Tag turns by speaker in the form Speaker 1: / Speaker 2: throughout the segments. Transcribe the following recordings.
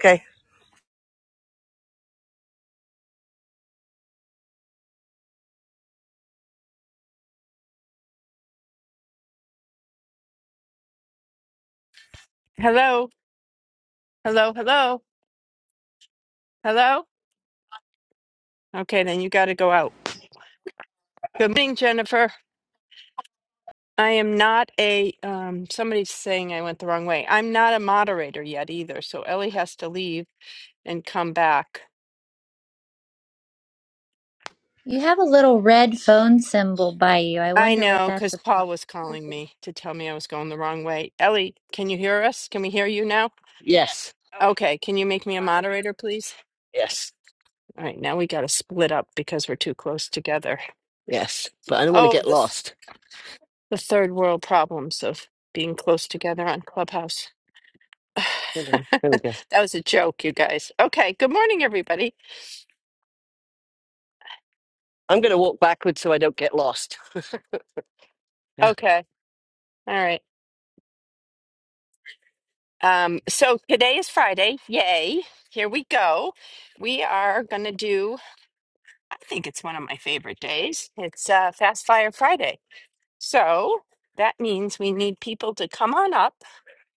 Speaker 1: Okay.
Speaker 2: Hello, hello, hello, hello. Okay, then you got to go out. Good morning, Jennifer. I am not a, um, somebody's saying I went the wrong way. I'm not a moderator yet either, so Ellie has to leave and come back.
Speaker 3: You have a little red phone symbol by you. I
Speaker 2: I
Speaker 3: wonder what
Speaker 2: know,
Speaker 3: that's
Speaker 2: because
Speaker 3: about.
Speaker 2: Paul was calling me to tell me I was going the wrong way. Ellie, can you hear us? Can we hear you now? Yes.
Speaker 1: Yes,
Speaker 2: Okay, can you make me a moderator, please?
Speaker 1: yes,
Speaker 2: All right, now we got to split up because we're too close together.
Speaker 1: yes. But I don't want to
Speaker 2: Oh,
Speaker 1: get
Speaker 2: the,
Speaker 1: lost.
Speaker 2: the third world problems of being close together on Clubhouse.
Speaker 1: Hold on. There we go.
Speaker 2: that was a joke, you guys. Okay. Good morning, everybody.
Speaker 1: I'm going to walk backwards so I don't get lost. Yeah.
Speaker 2: Okay. All right. Um, so today is Friday. Yay. Here we go. We are going to do, I think it's one of my favorite days. It's uh, Fast Fire Friday. So that means we need people to come on up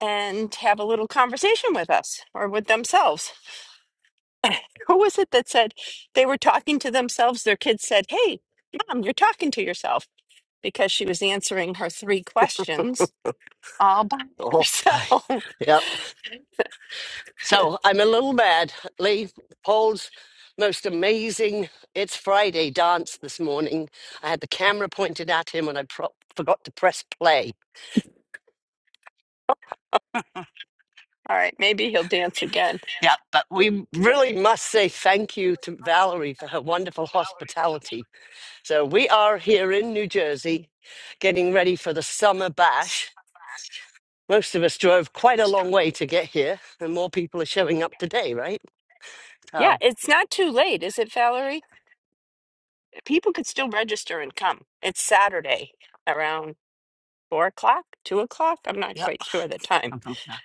Speaker 2: and have a little conversation with us or with themselves. Who was it that said they were talking to themselves? Their kids said, Hey, mom, you're talking to yourself because she was answering her three questions all by
Speaker 1: Oh, I,
Speaker 2: herself. all
Speaker 1: yep. So I'm a little mad. Lee Paul's most amazing It's Friday dance this morning. I had the camera pointed at him and I pro- forgot to press play.
Speaker 2: right, maybe he'll dance again.
Speaker 1: Yeah, but we really must say thank you to Valerie for her wonderful hospitality So we are here in New Jersey getting ready for the summer bash. Most of us drove quite a long way to get here, and more people are showing up today, right?
Speaker 2: Yeah,
Speaker 1: Oh,
Speaker 2: it's not too late, is it, Valerie? People could still register and come. It's Saturday around four o'clock, two o'clock. I'm not
Speaker 1: yep.
Speaker 2: quite sure the time.
Speaker 1: something like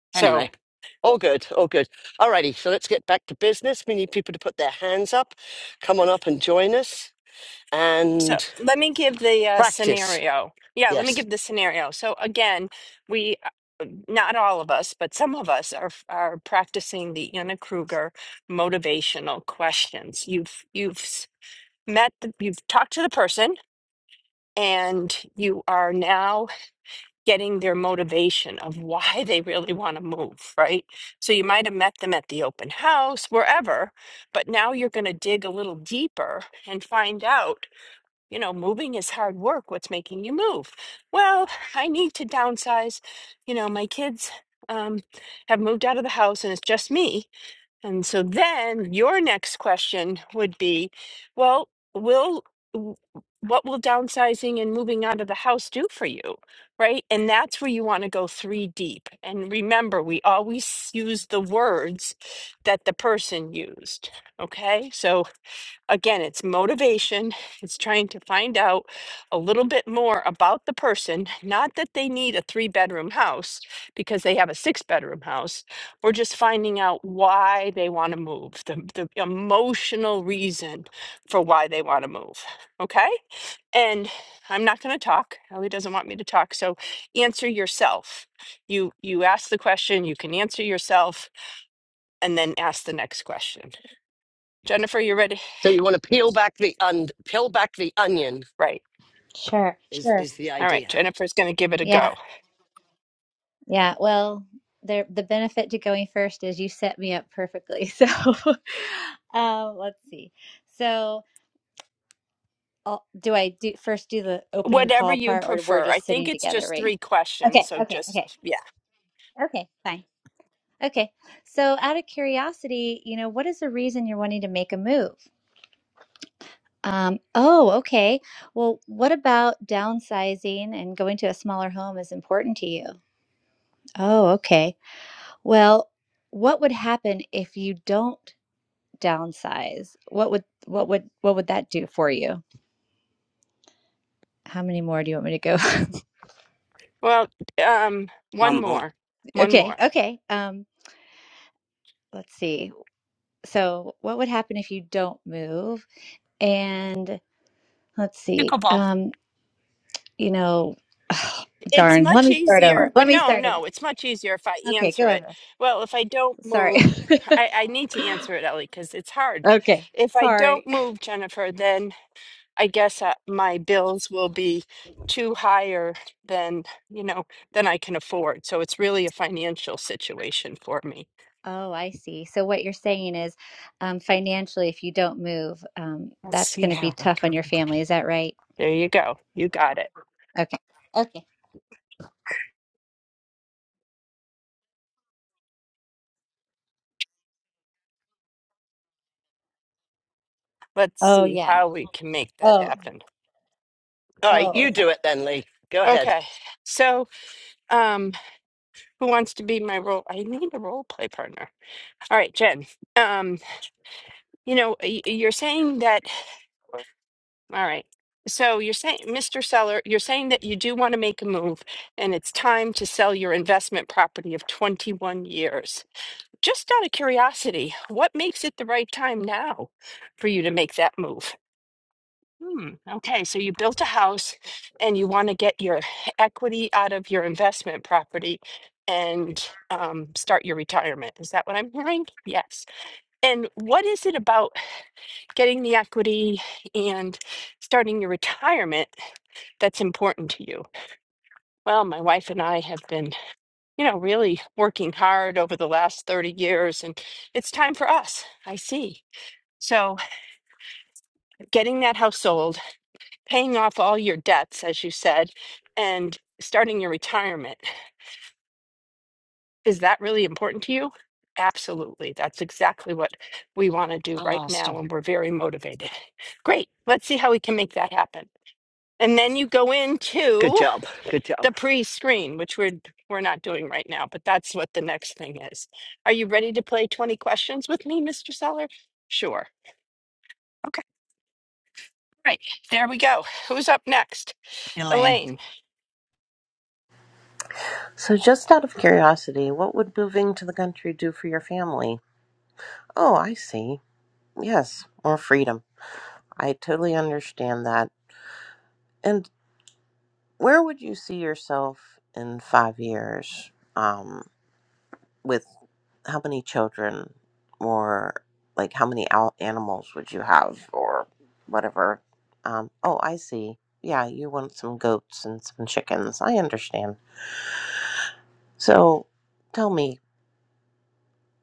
Speaker 1: that.
Speaker 2: So
Speaker 1: Anyway, all good, all good. Alrighty, so let's get back to business. We need people to put their hands up, come on up and join us,
Speaker 2: So
Speaker 1: and
Speaker 2: let me give the uh,
Speaker 1: practice.
Speaker 2: scenario. Yeah, let me
Speaker 1: Yes.
Speaker 2: give the scenario. So again, we uh, not all of us, but some of us are are practicing the Anna Kruger motivational questions. You've you've s- met the, you've talked to the person and you are now getting their motivation of why they really want to move, right? So you might have met them at the open house, wherever, but now you're going to dig a little deeper and find out you know, moving is hard work. What's making you move? Well, I need to downsize. You know, my kids um, have moved out of the house and it's just me. And so then your next question would be, well, will w- what will downsizing and moving out of the house do for you? Right. And that's where you want to go three deep. And remember, we always use the words that the person used. Okay. So, again, it's motivation. It's trying to find out a little bit more about the person. Not that they need a three bedroom house because they have a six bedroom house. We're just finding out why they want to move, the, the emotional reason for why they want to move. Okay. And I'm not going to talk. Ellie doesn't want me to talk. So answer yourself. You you ask the question, you can answer yourself, and then ask the next question. Jennifer, you ready?
Speaker 1: So you want to peel back the un- peel back the onion
Speaker 2: Right.
Speaker 3: Sure,
Speaker 1: is
Speaker 3: sure.
Speaker 1: is the
Speaker 2: All right,
Speaker 1: idea.
Speaker 2: Jennifer's going to give it a
Speaker 3: Yeah,
Speaker 2: go.
Speaker 3: yeah. Well, there, the benefit to going first is you set me up perfectly. So, um, let's see. So, I'll, do I do first do the opening
Speaker 2: Whatever
Speaker 3: call
Speaker 2: you
Speaker 3: part, or we're
Speaker 2: prefer. I
Speaker 3: just
Speaker 2: think
Speaker 3: sitting
Speaker 2: it's
Speaker 3: together
Speaker 2: just
Speaker 3: right
Speaker 2: three
Speaker 3: now?
Speaker 2: questions,
Speaker 3: Okay,
Speaker 2: so
Speaker 3: okay, okay,
Speaker 2: just yeah.
Speaker 3: okay. Fine. Okay. So, out of curiosity, you know, what is the reason you're wanting to make a move? Um, oh, okay. Well, what about downsizing and going to a smaller home is important to you? Oh, okay. Well, what would happen if you don't downsize? What would what would what would that do for you? How many more do you want me to go?
Speaker 2: Well, um
Speaker 1: One
Speaker 2: one
Speaker 1: more.
Speaker 2: more. One
Speaker 3: Okay,
Speaker 2: more.
Speaker 3: okay. Um, let's see. So, what would happen if you don't move? And let's see.
Speaker 4: Pickleball.
Speaker 3: Um, you know,
Speaker 2: It's
Speaker 3: darn. Let
Speaker 2: much
Speaker 3: me start
Speaker 2: easier.
Speaker 3: over.
Speaker 2: Well,
Speaker 3: Let me
Speaker 2: no,
Speaker 3: start over.
Speaker 2: no, it's much easier if I
Speaker 3: Okay,
Speaker 2: answer
Speaker 3: go
Speaker 2: it.
Speaker 3: over.
Speaker 2: Well, if I don't
Speaker 3: Sorry.
Speaker 2: move, I, I need to answer it, Ellie, because it's hard.
Speaker 3: Okay.
Speaker 2: If I
Speaker 3: Sorry.
Speaker 2: don't move, Jennifer, then I guess uh, my bills will be too higher than you know than I can afford. So it's really a financial situation for me.
Speaker 3: Oh, I see. So what you're saying is, um, financially, if you don't move, um, that's going to be tough on your family. Is that right?
Speaker 2: There you go. You got it.
Speaker 3: Okay. Okay.
Speaker 2: let's
Speaker 3: Oh,
Speaker 2: see
Speaker 3: yeah.
Speaker 2: how we can make that
Speaker 3: Oh,
Speaker 2: happen.
Speaker 1: All right,
Speaker 3: oh,
Speaker 1: you
Speaker 3: okay.
Speaker 1: do it then, Lee. Go ahead.
Speaker 2: Okay, so um, who wants to be my role? I need a role play partner. All right, Jen. Um, you know, y- you're saying that. All right. So you're saying, Mr. Seller, you're saying that you do want to make a move, and it's time to sell your investment property of 21 years. Just out of curiosity, what makes it the right time now for you to make that move? Hmm. Okay, so you built a house and you want to get your equity out of your investment property and um, start your retirement. Is that what I'm hearing? Yes. And what is it about getting the equity and starting your retirement that's important to you? Well, my wife and I have been, you know, really working hard over the last 30 years, and it's time for us. I see. So, getting that house sold paying off all your debts, as you said, and starting your retirement. Is that really important to you? Absolutely. That's exactly what we want to do
Speaker 4: I
Speaker 2: right
Speaker 4: lost him.
Speaker 2: now, and we're very motivated. Great. Let's see how we can make that happen. And then you go
Speaker 1: Good
Speaker 2: into
Speaker 1: job. Good job.
Speaker 2: the pre-screen, which we're we're not doing right now, but that's what the next thing is. Are you ready to play 20 questions with me, Mr. Seller? Sure. Okay. Right. There we go. Who's up next?
Speaker 1: Elaine.
Speaker 2: Elaine.
Speaker 5: So, just out of curiosity, what would moving to the country do for your family? Oh, I see. Yes, more freedom. I totally understand that. And where would you see yourself in five years? Um, with how many children, or like how many al- animals would you have, or whatever? Um, oh, I see. Yeah, you want some goats and some chickens. I understand. So, tell me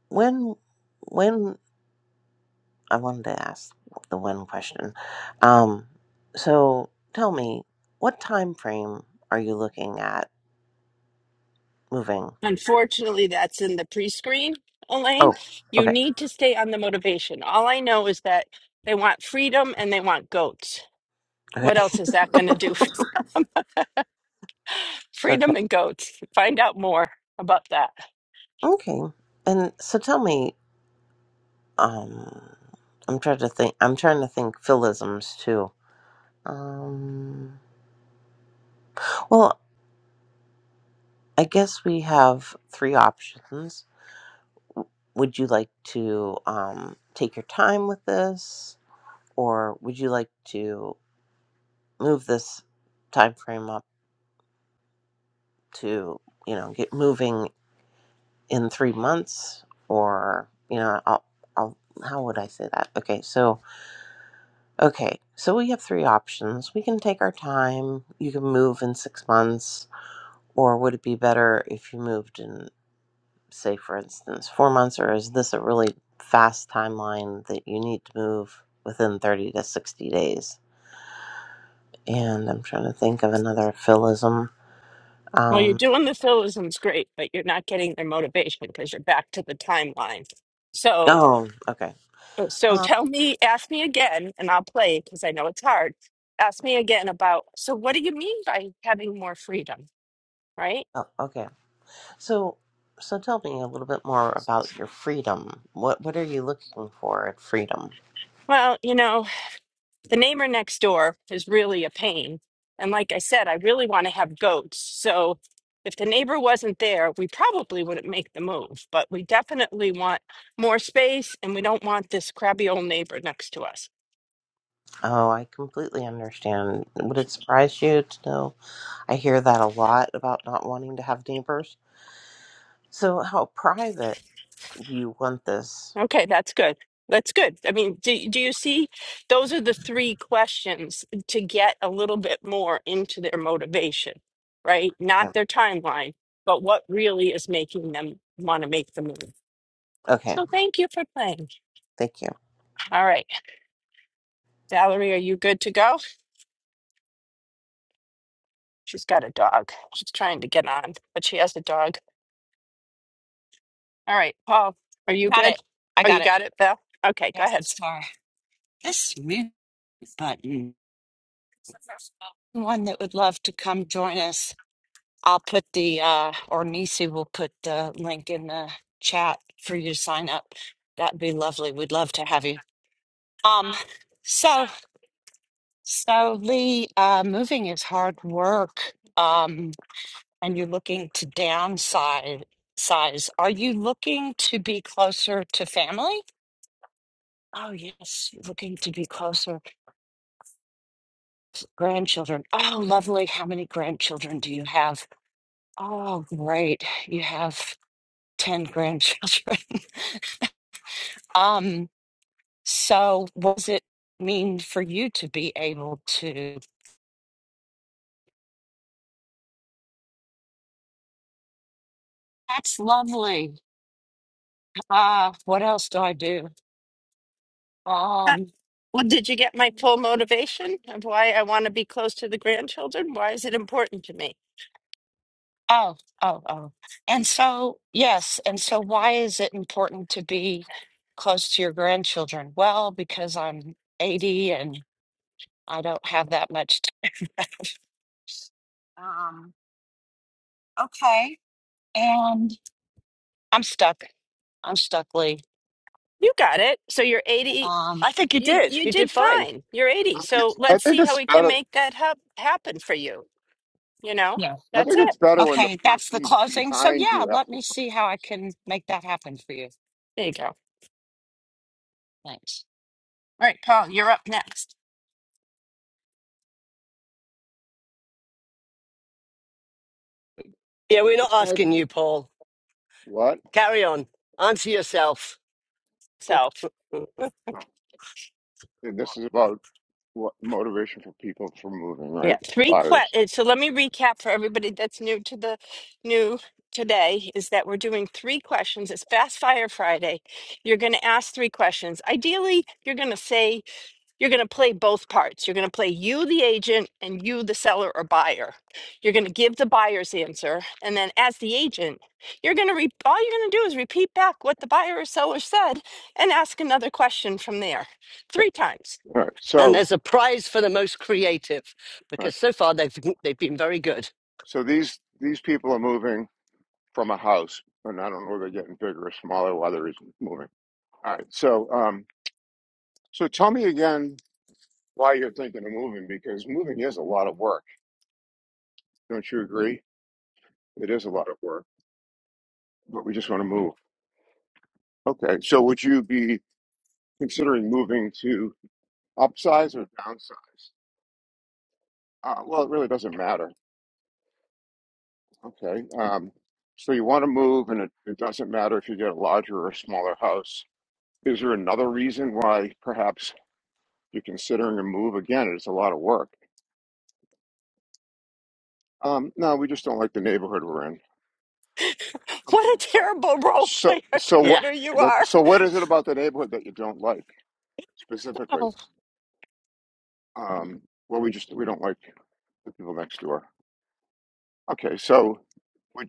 Speaker 5: when. When I wanted to ask the one question. Um, so tell me, what time frame are you looking at moving?
Speaker 2: Unfortunately, that's in the pre-screen,
Speaker 5: Oh,
Speaker 2: Elaine. You
Speaker 5: okay,
Speaker 2: need to stay on the motivation. All I know is that they want freedom and they want goats.
Speaker 5: okay,
Speaker 2: What else is that going to do for them?
Speaker 5: okay,
Speaker 2: Freedom and goats. Find out more about that.
Speaker 5: okay. And so tell me, um, I'm trying to think. I'm trying to think philisms too. Um, well, I guess we have three options. W- Would you like to um, take your time with this, or would you like to move this time timeframe to you know get moving in three months or you know I'll, I'll how would i say that okay so okay so we have three options we can take our time you can move in six months or would it be better if you moved in say for instance four months or is this a really fast timeline that you need to move within 30 to 60 days and i'm trying to think of another philism
Speaker 2: Well, you're
Speaker 5: um
Speaker 2: doing the syllogisms great, but you're not getting their motivation because you're back to the timeline. So,
Speaker 5: oh okay
Speaker 2: so
Speaker 5: um,
Speaker 2: tell me, ask me again, and I'll play because I know it's hard. Ask me again about, so what do you mean by having more freedom, right?
Speaker 5: oh, okay So, so tell me a little bit more about your freedom. What what are you looking for at freedom?
Speaker 2: Well, you know, the neighbor next door is really a pain. And like I said, I really want to have goats. So if the neighbor wasn't there, we probably wouldn't make the move, but we definitely want more space and we don't want this crabby old neighbor next to us.
Speaker 5: Oh, I completely understand. Would it surprise you to know? I hear that a lot about not wanting to have neighbors. So, how private do you want this?
Speaker 2: Okay, that's good. That's good. I mean, do, do you see? Those are the three questions to get a little bit more into their motivation, right? Not
Speaker 5: Okay,
Speaker 2: their timeline, but what really is making them want to make the move.
Speaker 5: Okay,
Speaker 2: So thank you for playing.
Speaker 5: thank you.
Speaker 2: All right. Valerie, are you good to go? She's got a dog. She's trying to get on, but she has a dog. All right, Paul, are you
Speaker 4: Got
Speaker 2: good?
Speaker 4: it. I
Speaker 2: Oh,
Speaker 4: got
Speaker 2: you got it, Val? Okay, go
Speaker 4: Yeah,
Speaker 2: ahead.
Speaker 4: sorry. This mute button. One that would love to come join us. I'll put the uh or Nisi will put the link in the chat for you to sign up. That'd be lovely. We'd love to have you. Um so so Lee, uh moving is hard work. Um and you're looking to downsize size. Are you looking to be closer to family? Oh yes, looking to be closer. Grandchildren. Oh, lovely. How many grandchildren do you have? Oh, great. You have 10 grandchildren. um, so what does it mean for you to be able to? That's lovely. Ah, what else do I do?
Speaker 2: Uh,
Speaker 4: Um,
Speaker 2: Well, did you get my full motivation of why I want to be close to the grandchildren? Why is it important to me?
Speaker 4: oh, oh, oh. And so, yes. And so, why is it important to be close to your grandchildren? Well, because I'm 80 and. I don't have that much time. um, okay. And I'm stuck. I'm stuck, Lee.
Speaker 2: You got it. So you're 80.
Speaker 4: Um,
Speaker 1: I think you
Speaker 2: You
Speaker 1: did.
Speaker 2: you
Speaker 1: You
Speaker 2: did
Speaker 1: did fine.
Speaker 2: fine. You're 80. So
Speaker 6: I
Speaker 2: let's
Speaker 6: think
Speaker 2: see how
Speaker 6: it's
Speaker 2: we can
Speaker 6: better.
Speaker 2: make that hap- happen for you. You know,
Speaker 4: yeah.
Speaker 6: I
Speaker 2: that's
Speaker 6: think
Speaker 2: it.
Speaker 6: it's better when the
Speaker 4: Okay. That's the
Speaker 6: person
Speaker 4: closing. So,
Speaker 6: behind
Speaker 4: yeah,
Speaker 6: you asks
Speaker 4: let
Speaker 6: the
Speaker 4: me see how I
Speaker 6: questions.
Speaker 4: can make that happen for you.
Speaker 2: There you go. All
Speaker 4: Thanks.
Speaker 2: right, Paul, you're up next.
Speaker 1: Yeah, we're not
Speaker 6: It's hard.
Speaker 1: asking you, Paul.
Speaker 6: What?
Speaker 1: Carry on. Answer yourself.
Speaker 2: So
Speaker 6: And this is about what motivation for people for moving,
Speaker 2: Yeah,
Speaker 6: right?
Speaker 2: three
Speaker 6: Buyers.
Speaker 2: questions. So let me recap for everybody that's new to the new today is that we're doing three questions. It's Fast Fire Friday. You're going to ask three questions. Ideally, you're going to say you're going to play both parts. You're going to play you, the agent, and you, the seller or buyer. You're going to give the buyer's answer, and then as the agent, you're going to re- all you're going to do is repeat back what the buyer or seller said and ask another question from there. Three times.
Speaker 6: All right.
Speaker 1: And
Speaker 6: So,
Speaker 1: there's a prize for the most creative
Speaker 6: all right.
Speaker 1: because so far they've they've been very good.
Speaker 6: So these these people are moving from a house, and I don't know if they're getting bigger or smaller. Why they're moving. All right. So, um, so tell me again why you're thinking of moving because moving is a lot of work. Don't you agree? It is a lot of work, but we just want to move. Okay. So would you be considering moving to upsize or downsize? Uh, well, it really doesn't matter. Okay. Um, so you want to move, and it, it doesn't matter if you get a larger or a smaller house. Is there another reason why perhaps you're considering a move? Again, it's a lot of work. Um, no, we just don't like the neighborhood we're in.
Speaker 2: What
Speaker 6: Okay.
Speaker 2: a
Speaker 6: So,
Speaker 2: terrible role
Speaker 6: so,
Speaker 2: player
Speaker 6: so
Speaker 1: Yeah.
Speaker 6: what?
Speaker 2: partner you
Speaker 6: look,
Speaker 2: are.
Speaker 6: So, what is it about the neighborhood that you don't like specifically?
Speaker 2: Oh,
Speaker 6: Um, well, we just we don't like the people next door. Okay. So. we.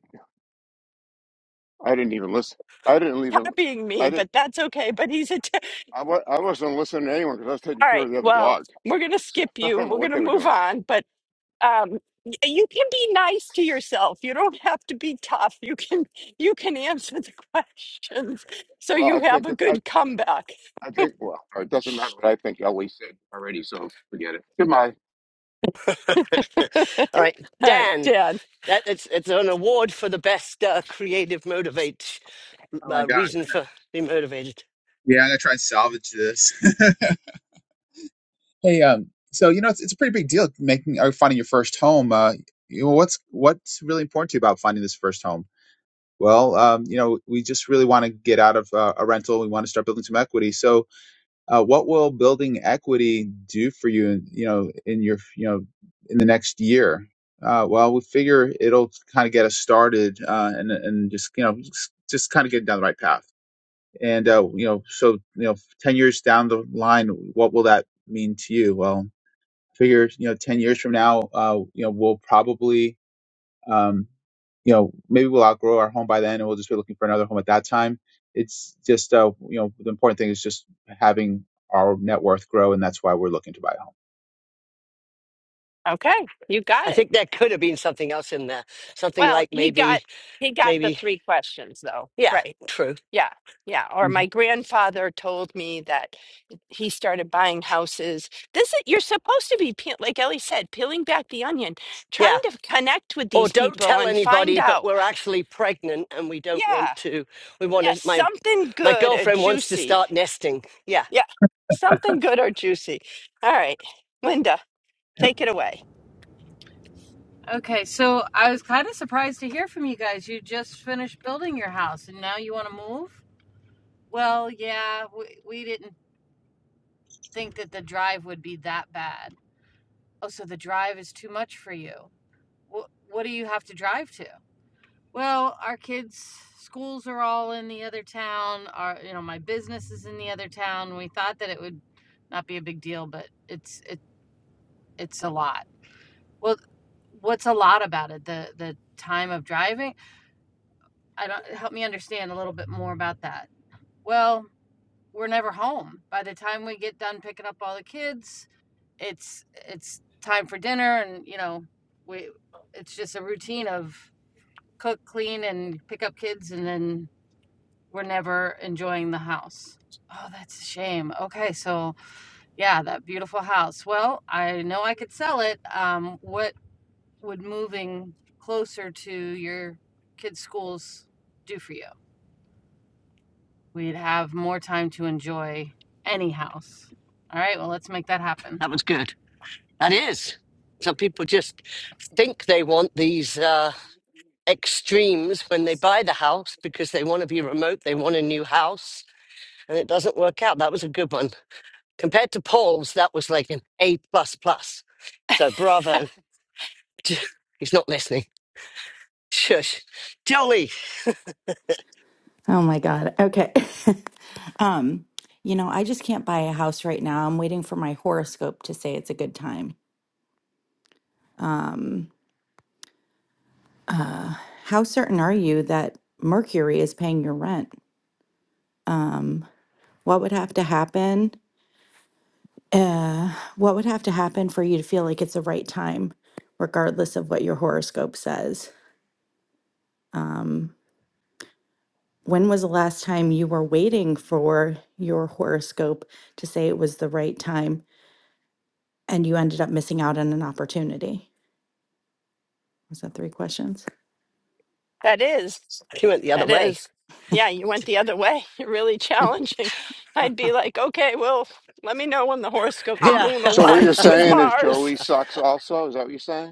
Speaker 6: I didn't even listen. I didn't even.
Speaker 2: copying
Speaker 6: I
Speaker 2: me,
Speaker 6: didn't.
Speaker 2: but that's okay. But he's a. T-
Speaker 6: I, wa- I wasn't listening to anyone because I was taking
Speaker 2: All
Speaker 6: care
Speaker 2: right.
Speaker 6: of the other
Speaker 2: Well,
Speaker 6: dog.
Speaker 2: we're gonna
Speaker 6: So
Speaker 2: skip
Speaker 6: I
Speaker 2: you.
Speaker 6: don't know
Speaker 2: We're
Speaker 6: what
Speaker 2: gonna
Speaker 6: they were
Speaker 2: move
Speaker 6: doing.
Speaker 2: on. But um, y- you can be nice to yourself. You don't have to be tough. You can you can answer the questions, so
Speaker 6: Well,
Speaker 2: you
Speaker 6: I
Speaker 2: have
Speaker 6: think
Speaker 2: a
Speaker 6: it, I
Speaker 2: good comeback.
Speaker 6: I think well, it doesn't matter what I think. Ellie said already, so forget it. Goodbye.
Speaker 1: All right,
Speaker 2: All right,
Speaker 1: Dan.
Speaker 2: Dan.
Speaker 1: That it's it's an award for the best uh, creative motivate
Speaker 7: Oh my
Speaker 1: uh,
Speaker 7: gosh.
Speaker 1: reason for being motivated.
Speaker 7: Yeah, I'm gonna try and salvage this. hey, um, so you know it's, it's a pretty big deal making or finding your first home. Uh, you know, what's what's really important to you about finding this first home? Well, um, you know, we just really want to get out of uh, a rental. We want to start building some equity. So, uh, what will building equity do for you? In, you know, in your you know, in the next year. Uh, well, we figure it'll kind of get us started uh, and and just you know just, just kind of get down the right path. And uh, you know, so you know, ten years down the line, what will that mean to you? Well, I figure you know, ten years from now, uh, you know, we'll probably, um, you know, maybe we'll outgrow our home by then, and we'll just be looking for another home at that time. It's just, uh, you know, the important thing is just having our net worth grow, and that's why we're looking to buy a home.
Speaker 2: Okay, you got
Speaker 1: I
Speaker 2: it.
Speaker 1: think there could have been something else in there. Something
Speaker 2: Well,
Speaker 1: like
Speaker 2: he got
Speaker 1: maybe
Speaker 2: he got the
Speaker 1: maybe
Speaker 2: three questions though.
Speaker 1: yeah,
Speaker 2: Right.
Speaker 1: true.
Speaker 2: Yeah, yeah. Or my
Speaker 7: Mhm.
Speaker 2: grandfather told me that he started buying houses. This is, you're supposed to be, peel, like Ellie said, peeling back the onion, trying
Speaker 1: Yeah.
Speaker 2: to connect with
Speaker 1: Or
Speaker 2: these
Speaker 1: don't
Speaker 2: people
Speaker 1: tell
Speaker 2: and find
Speaker 1: anybody, but
Speaker 2: out.
Speaker 1: we're actually pregnant and we don't want
Speaker 2: Yeah,
Speaker 1: to. We want
Speaker 2: yeah,
Speaker 1: to. My
Speaker 2: something
Speaker 1: My
Speaker 2: good or
Speaker 1: girlfriend wants to
Speaker 2: juicy.
Speaker 1: start nesting. Yeah,
Speaker 2: Yeah, something good or juicy. All right, Linda, take it away.
Speaker 8: Okay, so I was kind of surprised to hear from you guys. You just finished building your house and now you want to move? Well, yeah, we, we didn't think that the drive would be that bad. Oh, so the drive is too much for you. What, what do you have to drive to? Well, our kids' schools are all in the other town. Our, you know, my business is in the other town. We thought that it would not be a big deal, but it's it it's a lot. Well, what's a lot about it? The the time of driving I don't help me understand a little bit more about that. Well, we're never home. By the time we get done picking up all the kids, it's it's time for dinner and you know, we it's just a routine of cook, clean and pick up kids and then we're never enjoying the house. Oh, that's a shame. Okay, so yeah, that beautiful house. Well, I know I could sell it. Um, what would moving closer to your kids' schools do for you? we'd have more time to enjoy any house. All right, well, let's make that happen.
Speaker 1: that was good. That is. Some people just think they want these uh, extremes when they buy the house because they want to be remote, they want a new house, and it doesn't work out. That was a good one. Compared to Paul's, that was like an A. plus plus. So bravo. He's not listening. Shush. Jolly.
Speaker 9: Oh my God. Okay. um, you know, I just can't buy a house right now. I'm waiting for my horoscope to say it's a good time. Um, uh, how certain are you that Mercury is paying your rent? Um, what would have to happen? Uh, what would have to happen for you to feel like it's the right time, regardless of what your horoscope says? Um, when was the last time you were waiting for your horoscope to say it was the right time And you ended up missing out on an opportunity. Was that three questions?
Speaker 2: That is.
Speaker 1: He went the other
Speaker 2: That
Speaker 1: way.
Speaker 2: is, yeah, you went the other way. You're really challenging. I'd be like, okay, well, let me know when the horoscope, the
Speaker 1: Yeah.
Speaker 2: moon
Speaker 6: So what you're
Speaker 2: aligns with
Speaker 6: saying is
Speaker 2: Mars.
Speaker 6: Jolie sucks. Also, is that what you're saying?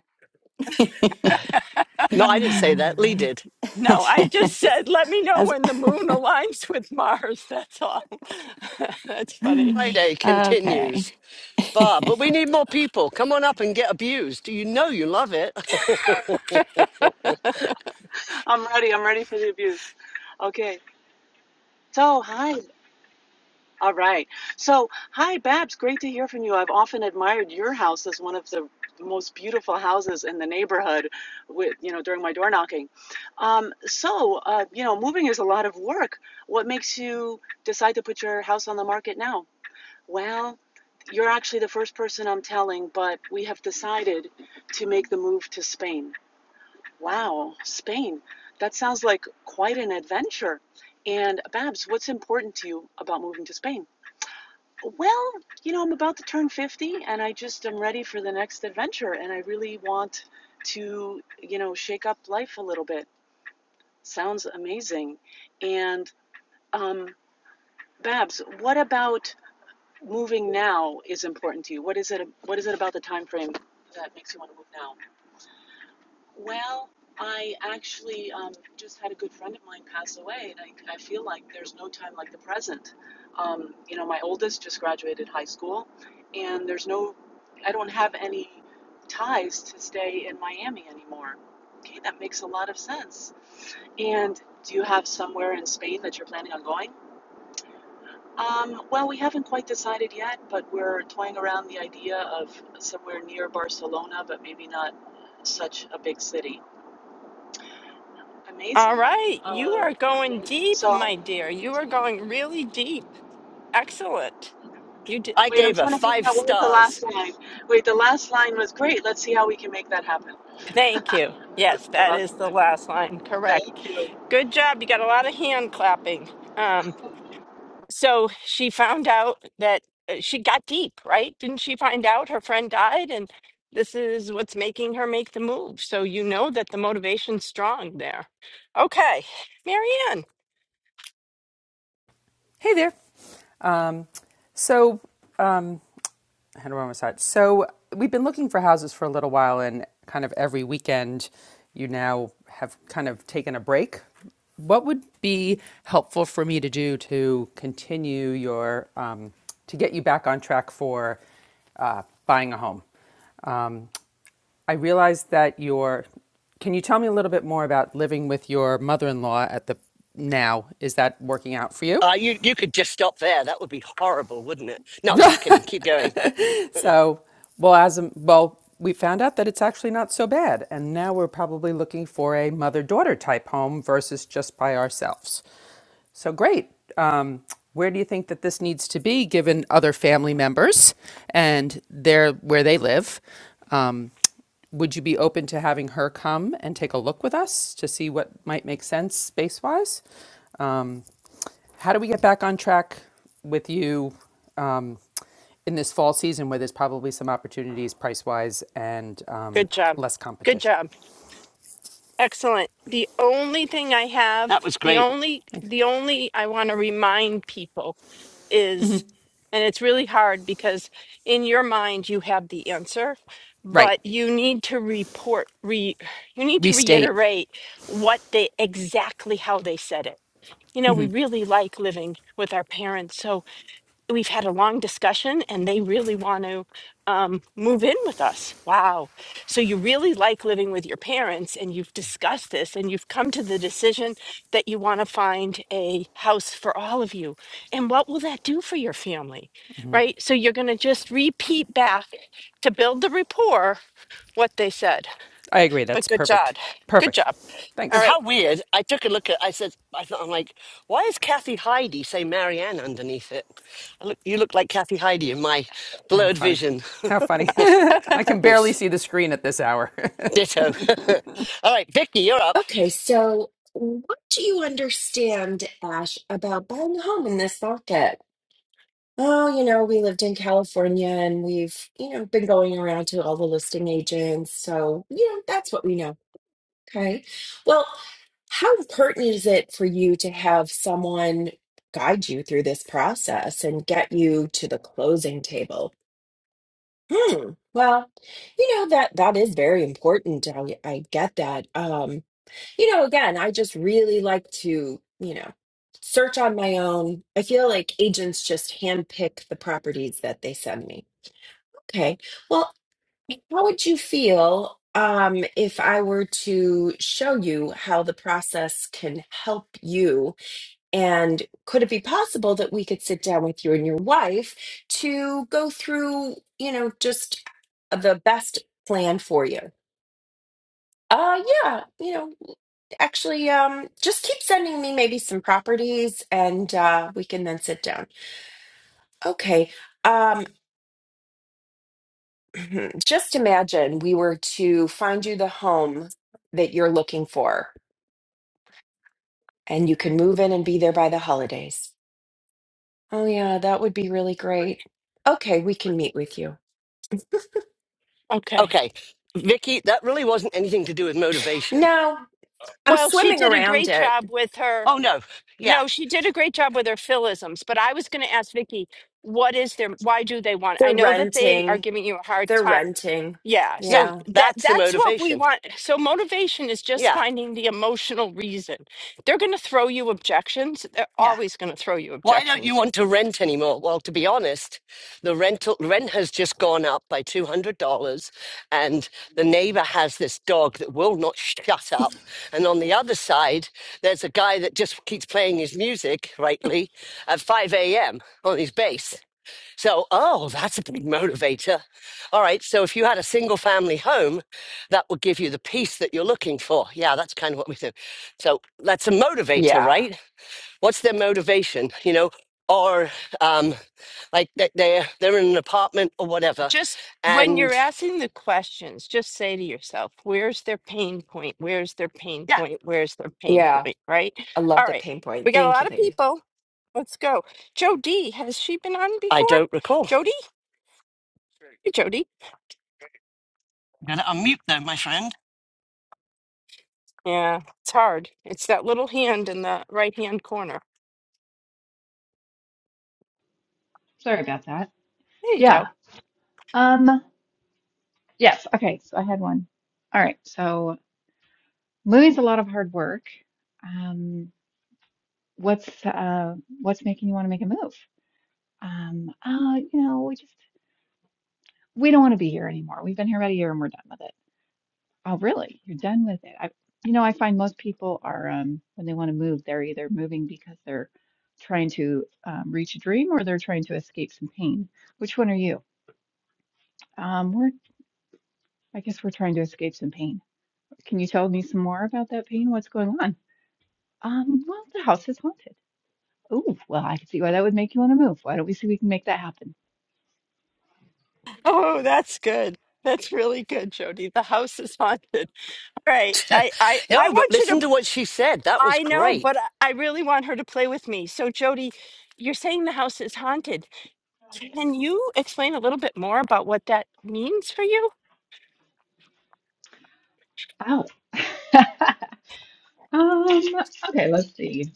Speaker 1: no, I didn't say that. Lee did.
Speaker 2: No, I just said, let me know
Speaker 9: As,
Speaker 2: when the moon aligns with Mars. That's all. That's funny.
Speaker 1: Friday
Speaker 9: okay.
Speaker 1: continues. bar, but we need more people. Come on up and get abused. You know you love it.
Speaker 10: I'm ready. I'm ready for the abuse. Okay. So, hi. All right. So, hi, Babs. Great to hear from you. I've often admired your house as one of the most beautiful houses in the neighborhood with, you know, during my door knocking. Um, so, uh, you know, moving is a lot of work. What makes you decide to put your house on the market now? Well, you're actually the first person I'm telling, but we have decided to make the move to Spain. Wow, Spain. That sounds like quite an adventure. And Babs, what's important to you about moving to Spain? Well, you know, I'm about to turn 50 and I just am ready for the next adventure and I really want to, you know, shake up life a little bit. Sounds amazing. And um Babs, what about moving now is important to you? What is it what is it about the time frame that makes you want to move now? Well, I actually um, just had a good friend of mine pass away, and I, I feel like there's no time like the present. Um, you know, my oldest just graduated high school, and there's no, I don't have any ties to stay in Miami anymore. Okay, that makes a lot of sense. And do you have somewhere in Spain that you're planning on going? Um, well, we haven't quite decided yet, but we're toying around the idea of somewhere near Barcelona, but maybe not such a big city.
Speaker 2: All
Speaker 10: Amazing.
Speaker 2: right. You
Speaker 10: Uh,
Speaker 2: are going deep,
Speaker 10: so,
Speaker 2: my dear. You are going really deep. Excellent. You did.
Speaker 1: I
Speaker 10: wait, I'm
Speaker 1: gave her
Speaker 10: trying to figure
Speaker 1: five
Speaker 10: out what was the
Speaker 1: stars.
Speaker 10: last line. Wait, the last line was great. Let's see how we can make that happen.
Speaker 2: Thank you.
Speaker 10: What
Speaker 2: Yes,
Speaker 10: was the
Speaker 2: that
Speaker 10: last
Speaker 2: is the
Speaker 10: line?
Speaker 2: last line. Correct.
Speaker 10: Thank you.
Speaker 2: Good job. You got a lot of hand clapping. Um. so she found out that uh, she got deep, right? Didn't she find out her friend died and this is what's making her make the move? So you know that the motivation's strong there. Okay, Marianne,
Speaker 11: Hey there. Um, so, I had a wrong side. So, we've been looking for houses for a little while, and kind of every weekend, you now have kind of taken a break. What would be helpful for me to do to continue your, um, to get you back on track for uh, buying a home? Um, I realize that your, can you tell me a little bit more about living with your mother in law at the now? Is that working out for you?
Speaker 1: Uh, you you could just stop there. That would be horrible, wouldn't it? No, I'm just kidding. Keep going.
Speaker 11: So, well, as a, well, we found out that it's actually not so bad, and now we're probably looking for a mother-daughter type home versus just by ourselves. So great. Um, where do you think that this needs to be given other family members and their where they live? Um, would you be open to having her come and take a look with us to see what might make sense space wise? How do we get back on track with you um, in this fall season where there's probably some opportunities price wise and
Speaker 2: good
Speaker 11: um,
Speaker 2: job.
Speaker 11: less
Speaker 2: Good
Speaker 11: competition?
Speaker 2: job. Excellent. The only thing I have,
Speaker 1: That was
Speaker 2: the
Speaker 1: great.
Speaker 2: only,
Speaker 11: Thanks.
Speaker 2: the only I want to remind people is, and it's really hard because in your mind you have the answer,
Speaker 11: Right.
Speaker 2: but you need to report, re, you need to
Speaker 11: Restate.
Speaker 2: reiterate what they exactly how they said it. You know, we really like living with our parents, so we've had a long discussion and they really want to um, move in with us. Wow. So you really like living with your parents and you've discussed this and you've come to the decision that you want to find a house for all of you. And what will that do for your family? Right? So you're going to just repeat back to build the rapport what they said.
Speaker 11: I agree.
Speaker 2: But
Speaker 11: That's
Speaker 2: good job.
Speaker 11: perfect.
Speaker 2: Good
Speaker 11: Perfect.
Speaker 2: job. All
Speaker 1: And
Speaker 11: Thanks.
Speaker 1: how
Speaker 2: right.
Speaker 1: weird. I took a look at. I said, I thought, I'm like, why is Kathy Heidi say Marianne underneath it? I look, you look like Kathy Heidi in my
Speaker 11: Uh,
Speaker 1: blurred
Speaker 11: funny.
Speaker 1: vision.
Speaker 11: How funny. I can barely see the screen at this hour.
Speaker 1: Ditto. All right, Vicky, you're up.
Speaker 12: Okay, so what do you understand, Ash, about buying a home in this market? Oh, you know, we lived in California and we've, you know, been going around to all the listing agents. So, you know, that's what we know. Okay. Well, how important is it for you to have someone guide you through this process and get you to the closing table? Hmm. Well, you know that that is very important. I, I get that. Um you know, again, I just really like to, you know, search on my own. I feel like agents just handpick the properties that they send me. Okay. Well, how would you feel um, if I were to show you how the process can help you? And could it be possible that we could sit down with you and your wife to go through, you know, just the best plan for you? Uh, yeah, you know, Actually, um, just keep sending me maybe some properties and uh, we can then sit down. Okay. Um, just imagine we were to find you the home that you're looking for and you can move in and be there by the holidays. Oh, yeah, that would be really great. Okay, we can meet with you.
Speaker 2: okay.
Speaker 1: Okay, Vicky, that really wasn't anything to do with motivation.
Speaker 12: No, I'm
Speaker 2: Well, she
Speaker 12: swimming
Speaker 2: did a
Speaker 12: around
Speaker 2: great
Speaker 12: it.
Speaker 2: job with her
Speaker 1: Oh no. Yeah.
Speaker 2: No, she did a great job with her philisms, but I was going to ask Vicky, what is their, why do they want? I
Speaker 12: They're
Speaker 2: know that they are
Speaker 12: renting.
Speaker 2: giving you a hard
Speaker 12: They're
Speaker 2: time.
Speaker 12: renting.
Speaker 2: Yeah,
Speaker 1: Yeah.
Speaker 2: so
Speaker 12: Yeah.
Speaker 2: that
Speaker 1: That's the
Speaker 2: that's what we
Speaker 1: motivation.
Speaker 2: want. So motivation is just
Speaker 1: Yeah.
Speaker 2: finding the emotional reason. They're going to throw you objections. They're
Speaker 1: Yeah.
Speaker 2: always going to throw you
Speaker 1: Why don't you
Speaker 2: objections.
Speaker 1: want to rent anymore? Well, to be honest, the rental rent has just gone up by two hundred dollars, and the neighbor has this dog that will not shut up. And on the other side, there's a guy that just keeps playing his music rightly at five a.m. on his bass. So, oh, that's a big motivator. All right. So, if you had a single family home, that would give you the peace that you're looking for. Yeah, that's kind of what we do. So, that's a motivator,
Speaker 12: Yeah.
Speaker 1: right? What's their motivation? You know, or um, like they- they're they're in an apartment or whatever,
Speaker 2: Just when you're
Speaker 1: and
Speaker 2: asking the questions, just say to yourself, where's their pain point? Where's their pain
Speaker 1: yeah,
Speaker 2: point? Where's their pain
Speaker 12: Yeah.
Speaker 2: point? Right?
Speaker 12: I
Speaker 2: All
Speaker 12: love the
Speaker 2: right.
Speaker 12: pain point.
Speaker 2: We got a
Speaker 12: Thank you,
Speaker 2: lot of
Speaker 12: ladies.
Speaker 2: people. Let's go. Jody, has she been on
Speaker 1: I
Speaker 2: before?
Speaker 1: don't recall.
Speaker 2: Jody? Hey, Jody.
Speaker 1: Gotta unmute though, my friend.
Speaker 2: Yeah, it's hard. It's that little hand in the right hand corner.
Speaker 13: Sorry about that.
Speaker 2: There you
Speaker 13: Yeah.
Speaker 2: go.
Speaker 13: Um, yes. Okay. So I had one. All right. So moving's a lot of hard work. Um, what's uh, what's making you want to make a move? Um, uh, you know, we just we don't want to be here anymore. We've been here about a year and we're done with it. Oh, really? You're done with it? I, you know, I find most people are um, when they want to move, they're either moving because they're trying to um, reach a dream or they're trying to escape some pain. Which one are you? Um, We're. I guess we're trying to escape some pain. Can you tell me some more about that pain? What's going on? Um, well, the house is haunted. Oh, well, I can see why that would make you want to move. Why don't we see if we can make that happen?
Speaker 2: Oh, that's good. That's really good, Jody. The house is haunted. All right. I I I
Speaker 1: no, but
Speaker 2: want you to
Speaker 1: listen to what she said. That was
Speaker 2: I know,
Speaker 1: great.
Speaker 2: but I I really want her to play with me. So Jody, you're saying the house is haunted. Can you explain a little bit more about what that means for you?
Speaker 13: Ow. Um, okay, let's see.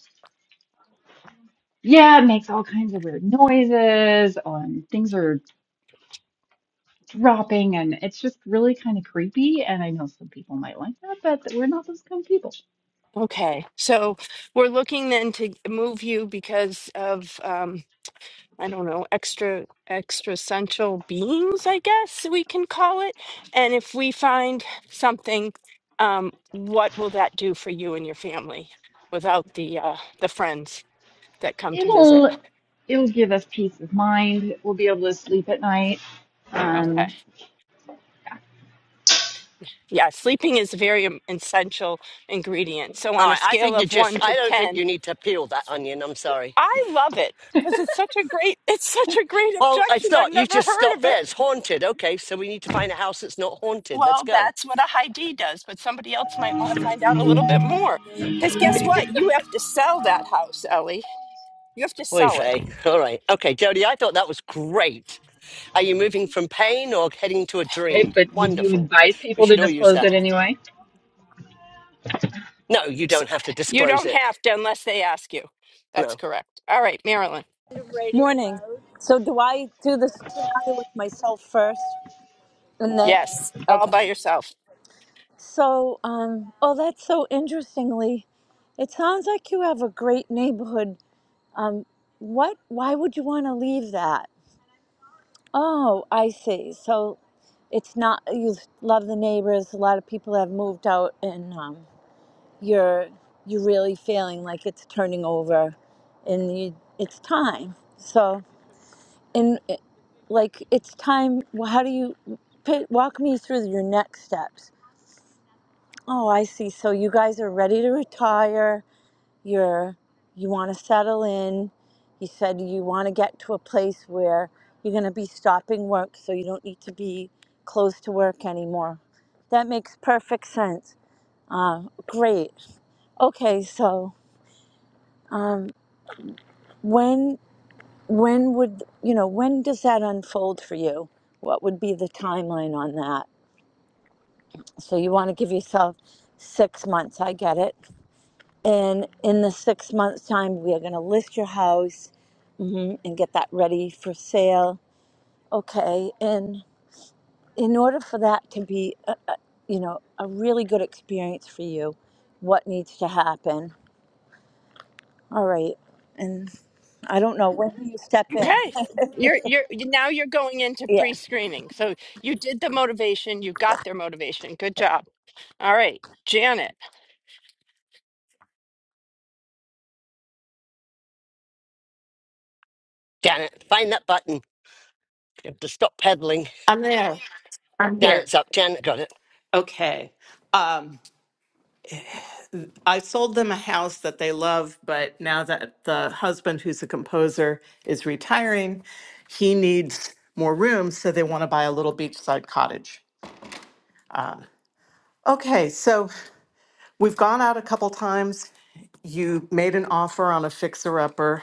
Speaker 13: Yeah, it makes all kinds of weird noises, and things are dropping, and it's just really kind of creepy. And I know some people might like that, but we're not those kind of people.
Speaker 2: Okay. So, we're looking then to move you because of um I don't know, extra extrasential beings, I guess we can call it. And if we find something, um, what will that do for you and your family without the uh, the friends that come to visit?
Speaker 13: It'll it'll give us peace of mind. We'll be able to sleep at night.
Speaker 2: Okay.
Speaker 13: Um,
Speaker 2: Yeah, sleeping is a very im- essential ingredient. So
Speaker 1: All
Speaker 2: on a
Speaker 1: right, I
Speaker 2: scale
Speaker 1: think you
Speaker 2: of
Speaker 1: just,
Speaker 2: one to
Speaker 1: I don't think
Speaker 2: ten,
Speaker 1: you need to peel that onion. I'm sorry.
Speaker 2: I love it because it's such a great it's such a great
Speaker 1: Well, I
Speaker 2: objection. I've
Speaker 1: thought you
Speaker 2: never
Speaker 1: just
Speaker 2: heard
Speaker 1: stopped
Speaker 2: of it.
Speaker 1: there. It's haunted. Okay, so we need to find a house that's not haunted. Let's
Speaker 2: Well,
Speaker 1: go.
Speaker 2: that's what a high D does, but somebody else might want to find out a little bit more. Because guess what? You have to sell that house, Ellie. You have to
Speaker 1: Oy
Speaker 2: sell it.
Speaker 1: vey. All right. Okay, Jody, I thought that was great. Are you moving from pain or heading to a dream?
Speaker 13: Right, but would you
Speaker 1: Wonderful.
Speaker 13: advise
Speaker 1: We
Speaker 13: people to
Speaker 1: should all use
Speaker 13: disclose
Speaker 1: that.
Speaker 13: it anyway?
Speaker 1: No, you
Speaker 2: S-
Speaker 1: don't have to
Speaker 2: You
Speaker 1: disclose
Speaker 2: don't
Speaker 1: it.
Speaker 2: have to unless they ask you. That's
Speaker 1: No.
Speaker 2: correct. All right, Marilyn.
Speaker 14: Morning. So do I do this scenario with myself first and then
Speaker 2: Yes, all
Speaker 14: okay.
Speaker 2: by yourself.
Speaker 14: So um oh that's so interestingly. It sounds like you have a great neighborhood. Um what why would you want to leave that? Oh, I see. So it's not you love the neighbors, a lot of people have moved out and um you're you're really feeling like it's turning over and you it's time. So and eh, like it's time wh- how do you pit, walk me through your next steps oh i see so you guys are ready to retire you're you want to settle in you said you want to get to a place where you're going to be stopping work so you don't need to be close to work anymore that makes perfect sense uh, great okay so um, when when would you know when does that unfold for you what would be the timeline on that So you want to give yourself six months. I get it. And in the six months' time, we are going to list your house mhm, and get that ready for sale. Okay. And in order for that to be, a, a, you know, a really good experience for you, what needs to happen? All right. And I don't know when do you step in.
Speaker 2: Okay. You're you're you- now you're going into
Speaker 14: Yeah,
Speaker 2: pre-screening. So you did the motivation, you got their motivation. Good job. All right, Janet.
Speaker 1: Janet, find that button. You have to stop peddling.
Speaker 15: I'm there. I'm here.
Speaker 1: Janet's up. Janet got it.
Speaker 15: Okay. Um, I sold them a house that they love, but now that the husband, who's a composer, is retiring, he needs more room, so they want to buy a little beachside cottage. Okay, so we've gone out a couple times. You made an offer on a fixer upper,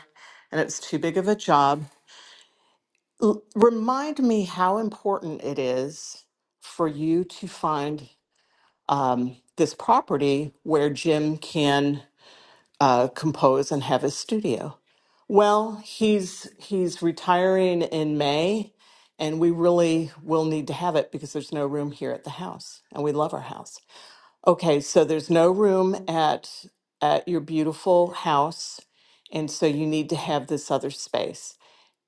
Speaker 15: and it's too big of a job. L- remind me how important it is for you to find um, this property where Jim can uh, compose and have his studio. Well, he's he's retiring in May, and we really will need to have it because there's no room here at the house, and we love our house. Okay, so there's no room at at your beautiful house, and so you need to have this other space,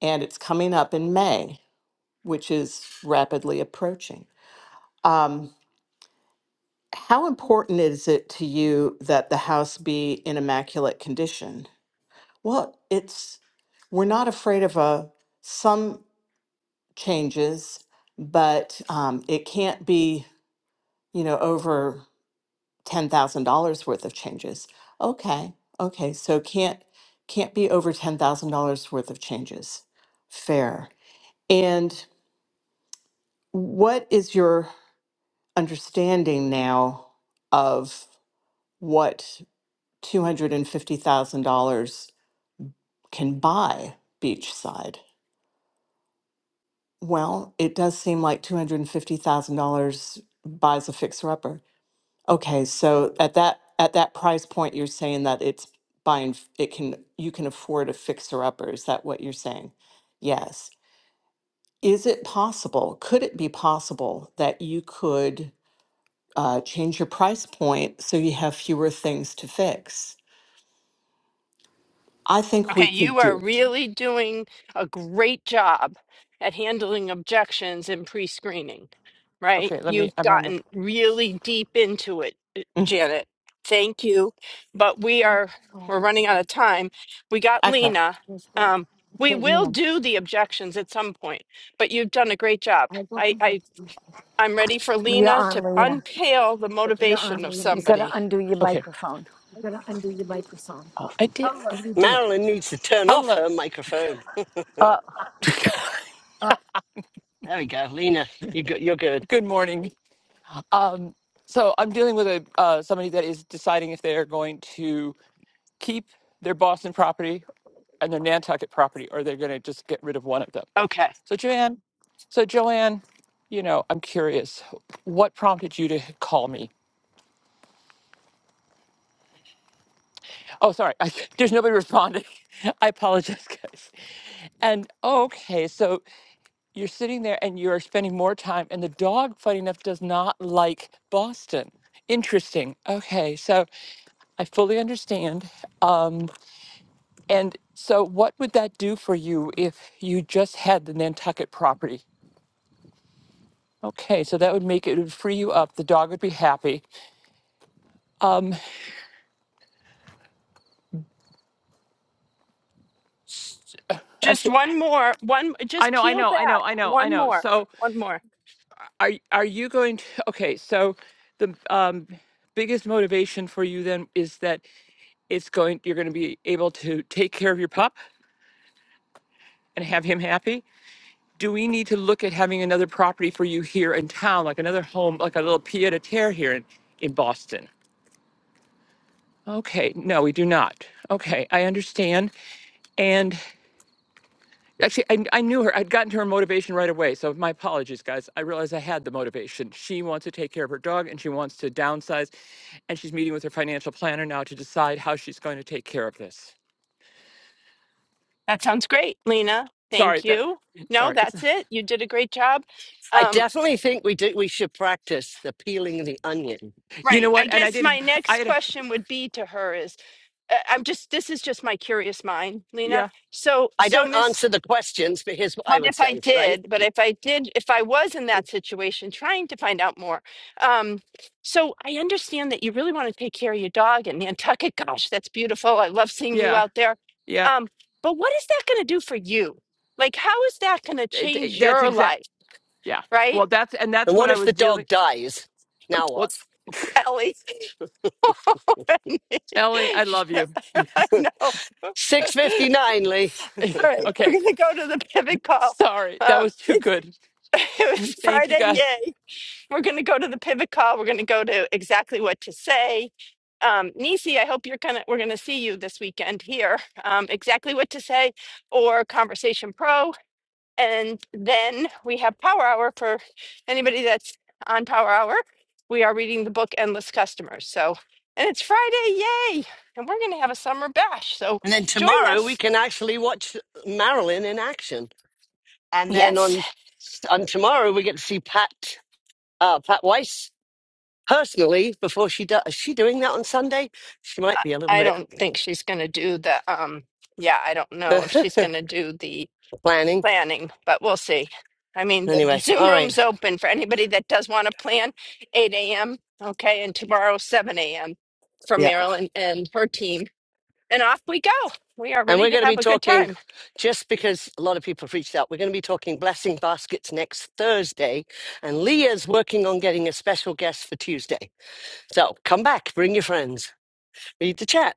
Speaker 15: and it's coming up in May, which is rapidly approaching. Um, how important is it to you that the house be in immaculate condition? Well, it's we're not afraid of a some changes, but um, it can't be you know over ten thousand dollars worth of changes. Okay, okay, so can't can't be over ten thousand dollars worth of changes. Fair. And what is your understanding now of what two hundred and fifty thousand dollars can buy beachside? Well, it does seem like $250,000 buys a fixer-upper. Okay, so at that at that price point, you're saying that it's buying f- it can you can afford a fixer-upper. Is that what you're saying? Yes. Is it possible? Could it be possible that you could uh, change your price point so you have fewer things to fix? I think we
Speaker 2: Okay,
Speaker 15: could
Speaker 2: you are
Speaker 15: do it.
Speaker 2: really doing a great job at handling objections in pre-screening, right?
Speaker 16: Okay, let me,
Speaker 2: You've
Speaker 16: I'm on the,
Speaker 2: gotten really deep into it, uh,
Speaker 15: Mm,
Speaker 2: Janet. Thank you. But we are
Speaker 16: Oh,
Speaker 2: we're running out of time. We got
Speaker 15: Okay.
Speaker 2: Lena.
Speaker 16: yes, right.
Speaker 2: Um, we
Speaker 16: Okay, let me
Speaker 2: will
Speaker 16: know.
Speaker 2: do the objections at some point, but you've done a great job.
Speaker 16: I got
Speaker 2: I, I
Speaker 16: contact
Speaker 2: I'm ready for
Speaker 14: you're
Speaker 2: Lena to
Speaker 14: on, Lena.
Speaker 2: unpeel the
Speaker 16: You're on
Speaker 2: motivation
Speaker 16: the
Speaker 2: of
Speaker 14: You
Speaker 16: units.
Speaker 14: got to
Speaker 2: somebody.
Speaker 14: undo your
Speaker 16: okay.
Speaker 14: microphone.
Speaker 16: You gotta undo your microphone. I did, I already did.
Speaker 1: Marilyn needs to turn off
Speaker 16: Hello,
Speaker 1: her microphone. there we go. Lena, you go, you're good.
Speaker 16: good morning. Um, so I'm dealing with a, uh, somebody that is deciding if they're going to keep their Boston property and their Nantucket property, or they're gonna just get rid of one of them.
Speaker 2: Okay.
Speaker 16: So Joanne, so Joanne, you know, I'm curious, what prompted you to call me? Oh, sorry. I, there's nobody responding. I apologize, guys. And oh, okay, so you're sitting there and you're spending more time, and the dog, funny enough, does not like Boston. Interesting. Okay, so I fully understand. Um, and so, what would that do for you if you just had the Nantucket property? Okay, so that would make it it would free you up. The dog would be happy. Um,
Speaker 2: Just
Speaker 16: actually,
Speaker 2: one more, one
Speaker 16: I
Speaker 2: just
Speaker 16: know, I
Speaker 2: peel
Speaker 16: know, I know,
Speaker 2: back.
Speaker 16: I know, I
Speaker 2: One
Speaker 16: know.
Speaker 2: more.
Speaker 16: So
Speaker 2: One more.
Speaker 16: are y- are you going to okay so the um biggest motivation for you then is that it's going you're going to be able to take care of your pup and have him happy do we need to look at having another property for you here in town like another home like a little pied a terre here in, in boston okay no we do not okay i understand And. Actually, I, I knew her. I'd gotten to her motivation right away. So my apologies, guys. I realized I had the motivation. She wants to take care of her dog and she wants to downsize. And she's meeting with her financial planner now to decide how she's going to take care of this.
Speaker 2: That sounds great, Lena.
Speaker 16: Sorry,
Speaker 2: Thank
Speaker 16: that
Speaker 2: you. No,
Speaker 16: sorry. It's
Speaker 2: that's it. You did a great job.
Speaker 1: I
Speaker 2: Um,
Speaker 1: definitely think we do, we should practice the peeling of the onion
Speaker 16: you
Speaker 2: right.
Speaker 16: know
Speaker 2: I
Speaker 16: what? And I
Speaker 2: guess my
Speaker 16: didn't I
Speaker 2: next
Speaker 16: had a,
Speaker 2: question would be to her is uh, I'm just this is just my curious mind, Lena.
Speaker 16: yeah,
Speaker 2: So
Speaker 1: I
Speaker 2: so
Speaker 1: don't
Speaker 2: Miss
Speaker 1: answer the questions, but here's what
Speaker 2: but
Speaker 1: I would
Speaker 2: if I
Speaker 1: say, right?
Speaker 2: did, but if I did, if I was in that situation trying to find out more. Um, so I understand that you really want to take care of your dog in Nantucket. Gosh, that's beautiful. I love seeing you
Speaker 16: yeah,
Speaker 2: out there.
Speaker 16: yeah.
Speaker 2: Um, but what is that going to do for you? Like, how is that going to
Speaker 16: It-
Speaker 2: change
Speaker 16: it- that's
Speaker 2: your
Speaker 16: exact
Speaker 2: life?
Speaker 16: yeah.
Speaker 2: right?
Speaker 16: Well that's and
Speaker 1: And
Speaker 16: that's
Speaker 1: what
Speaker 16: what I
Speaker 1: if the
Speaker 16: was dealing
Speaker 1: dog dies? Now what?
Speaker 16: well
Speaker 2: Ellie.
Speaker 16: Ellie, I love
Speaker 2: yeah,
Speaker 16: you.
Speaker 2: I know.
Speaker 1: 6.59, Lee.
Speaker 2: All right, we're
Speaker 16: okay.
Speaker 2: gonna go to the pivot call.
Speaker 16: Sorry. That
Speaker 2: Um,
Speaker 16: was too
Speaker 2: it's
Speaker 16: good.
Speaker 2: it was
Speaker 16: Thank you
Speaker 2: Friday,
Speaker 16: guys.
Speaker 2: yay! We're gonna go to the pivot call. We're gonna go to exactly what to say. Um, Nisi, I hope you're gonna we're gonna see you this weekend here. Um, exactly what to say or Conversation Pro. And then we have Power Hour for anybody that's on Power Hour. We are reading the book Endless Customers. So, and it's Friday, yay! And we're going to have a summer bash. So
Speaker 1: And then
Speaker 2: join
Speaker 1: tomorrow we
Speaker 2: us.
Speaker 1: can actually watch Marilyn in action. And then
Speaker 2: Yes,
Speaker 1: on, on tomorrow we get to see Pat, uh, Pat Weiss personally before she does. Is she doing that on Sunday? She might be a little
Speaker 2: I
Speaker 1: bit.
Speaker 2: don't think she's going to do the, um, yeah, I don't know if she's going to do the
Speaker 1: Planning.
Speaker 2: planning, but we'll see. I mean, the
Speaker 1: Anyway,
Speaker 2: Zoom
Speaker 1: all right.
Speaker 2: room's open for anybody that does want to plan 8 a.m. Okay. And tomorrow, 7 a.m. for
Speaker 1: Yeah.
Speaker 2: Marilyn and her team and off we go. We are
Speaker 1: And
Speaker 2: ready
Speaker 1: we're
Speaker 2: to
Speaker 1: going to
Speaker 2: have
Speaker 1: be
Speaker 2: a good
Speaker 1: talking,
Speaker 2: time.
Speaker 1: just because a lot of people have reached out, we're going to be talking blessing baskets next Thursday. And Leah's working on getting a special guest for Tuesday. So come back, bring your friends, read the chat.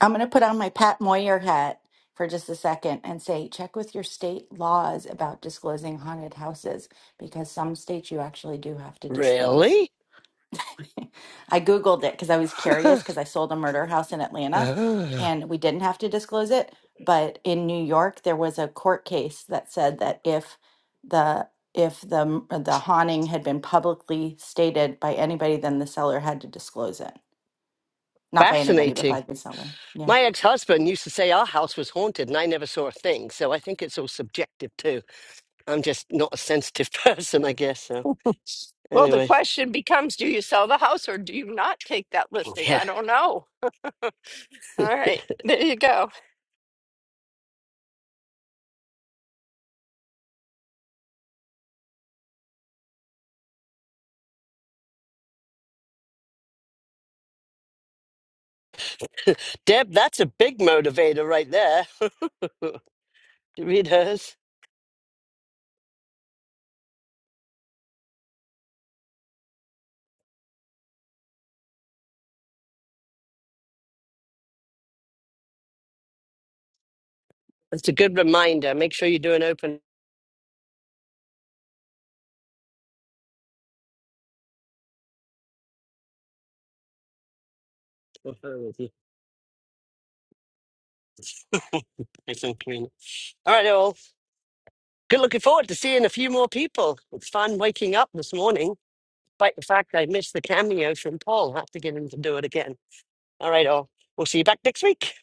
Speaker 9: I'm going to put on my Pat Moyer hat for just a second and say check with your state laws about disclosing haunted houses because some states you actually do have to disclose.
Speaker 1: Really?
Speaker 9: I Googled it because I was curious because I sold a murder house in Atlanta
Speaker 1: Ah,
Speaker 9: and we didn't have to disclose it. But in New York, there was a court case that said that if the if the m- the haunting had been publicly stated by anybody, then the seller had to disclose it. Not by anybody, but
Speaker 1: Fascinating.
Speaker 9: by the seller. Yeah.
Speaker 1: My ex husband used to say our house was haunted and I never saw a thing. So I think it's all subjective too. I'm just not a sensitive person, I guess. So
Speaker 2: Well, the
Speaker 1: anyway,
Speaker 2: question becomes do you sell the house or do you not take that listing?
Speaker 1: yeah.
Speaker 2: I don't know. All right, there you go.
Speaker 1: Deb, that's a big motivator right there. to read hers. That's a good reminder. Make sure you do an open for her with you. I think, Karina. All right, all. Good looking forward to seeing a few more people. It's fun waking up this morning, despite the fact I missed the cameo from Paul. Have to get him to do it again. All right, all. We'll see you back next week.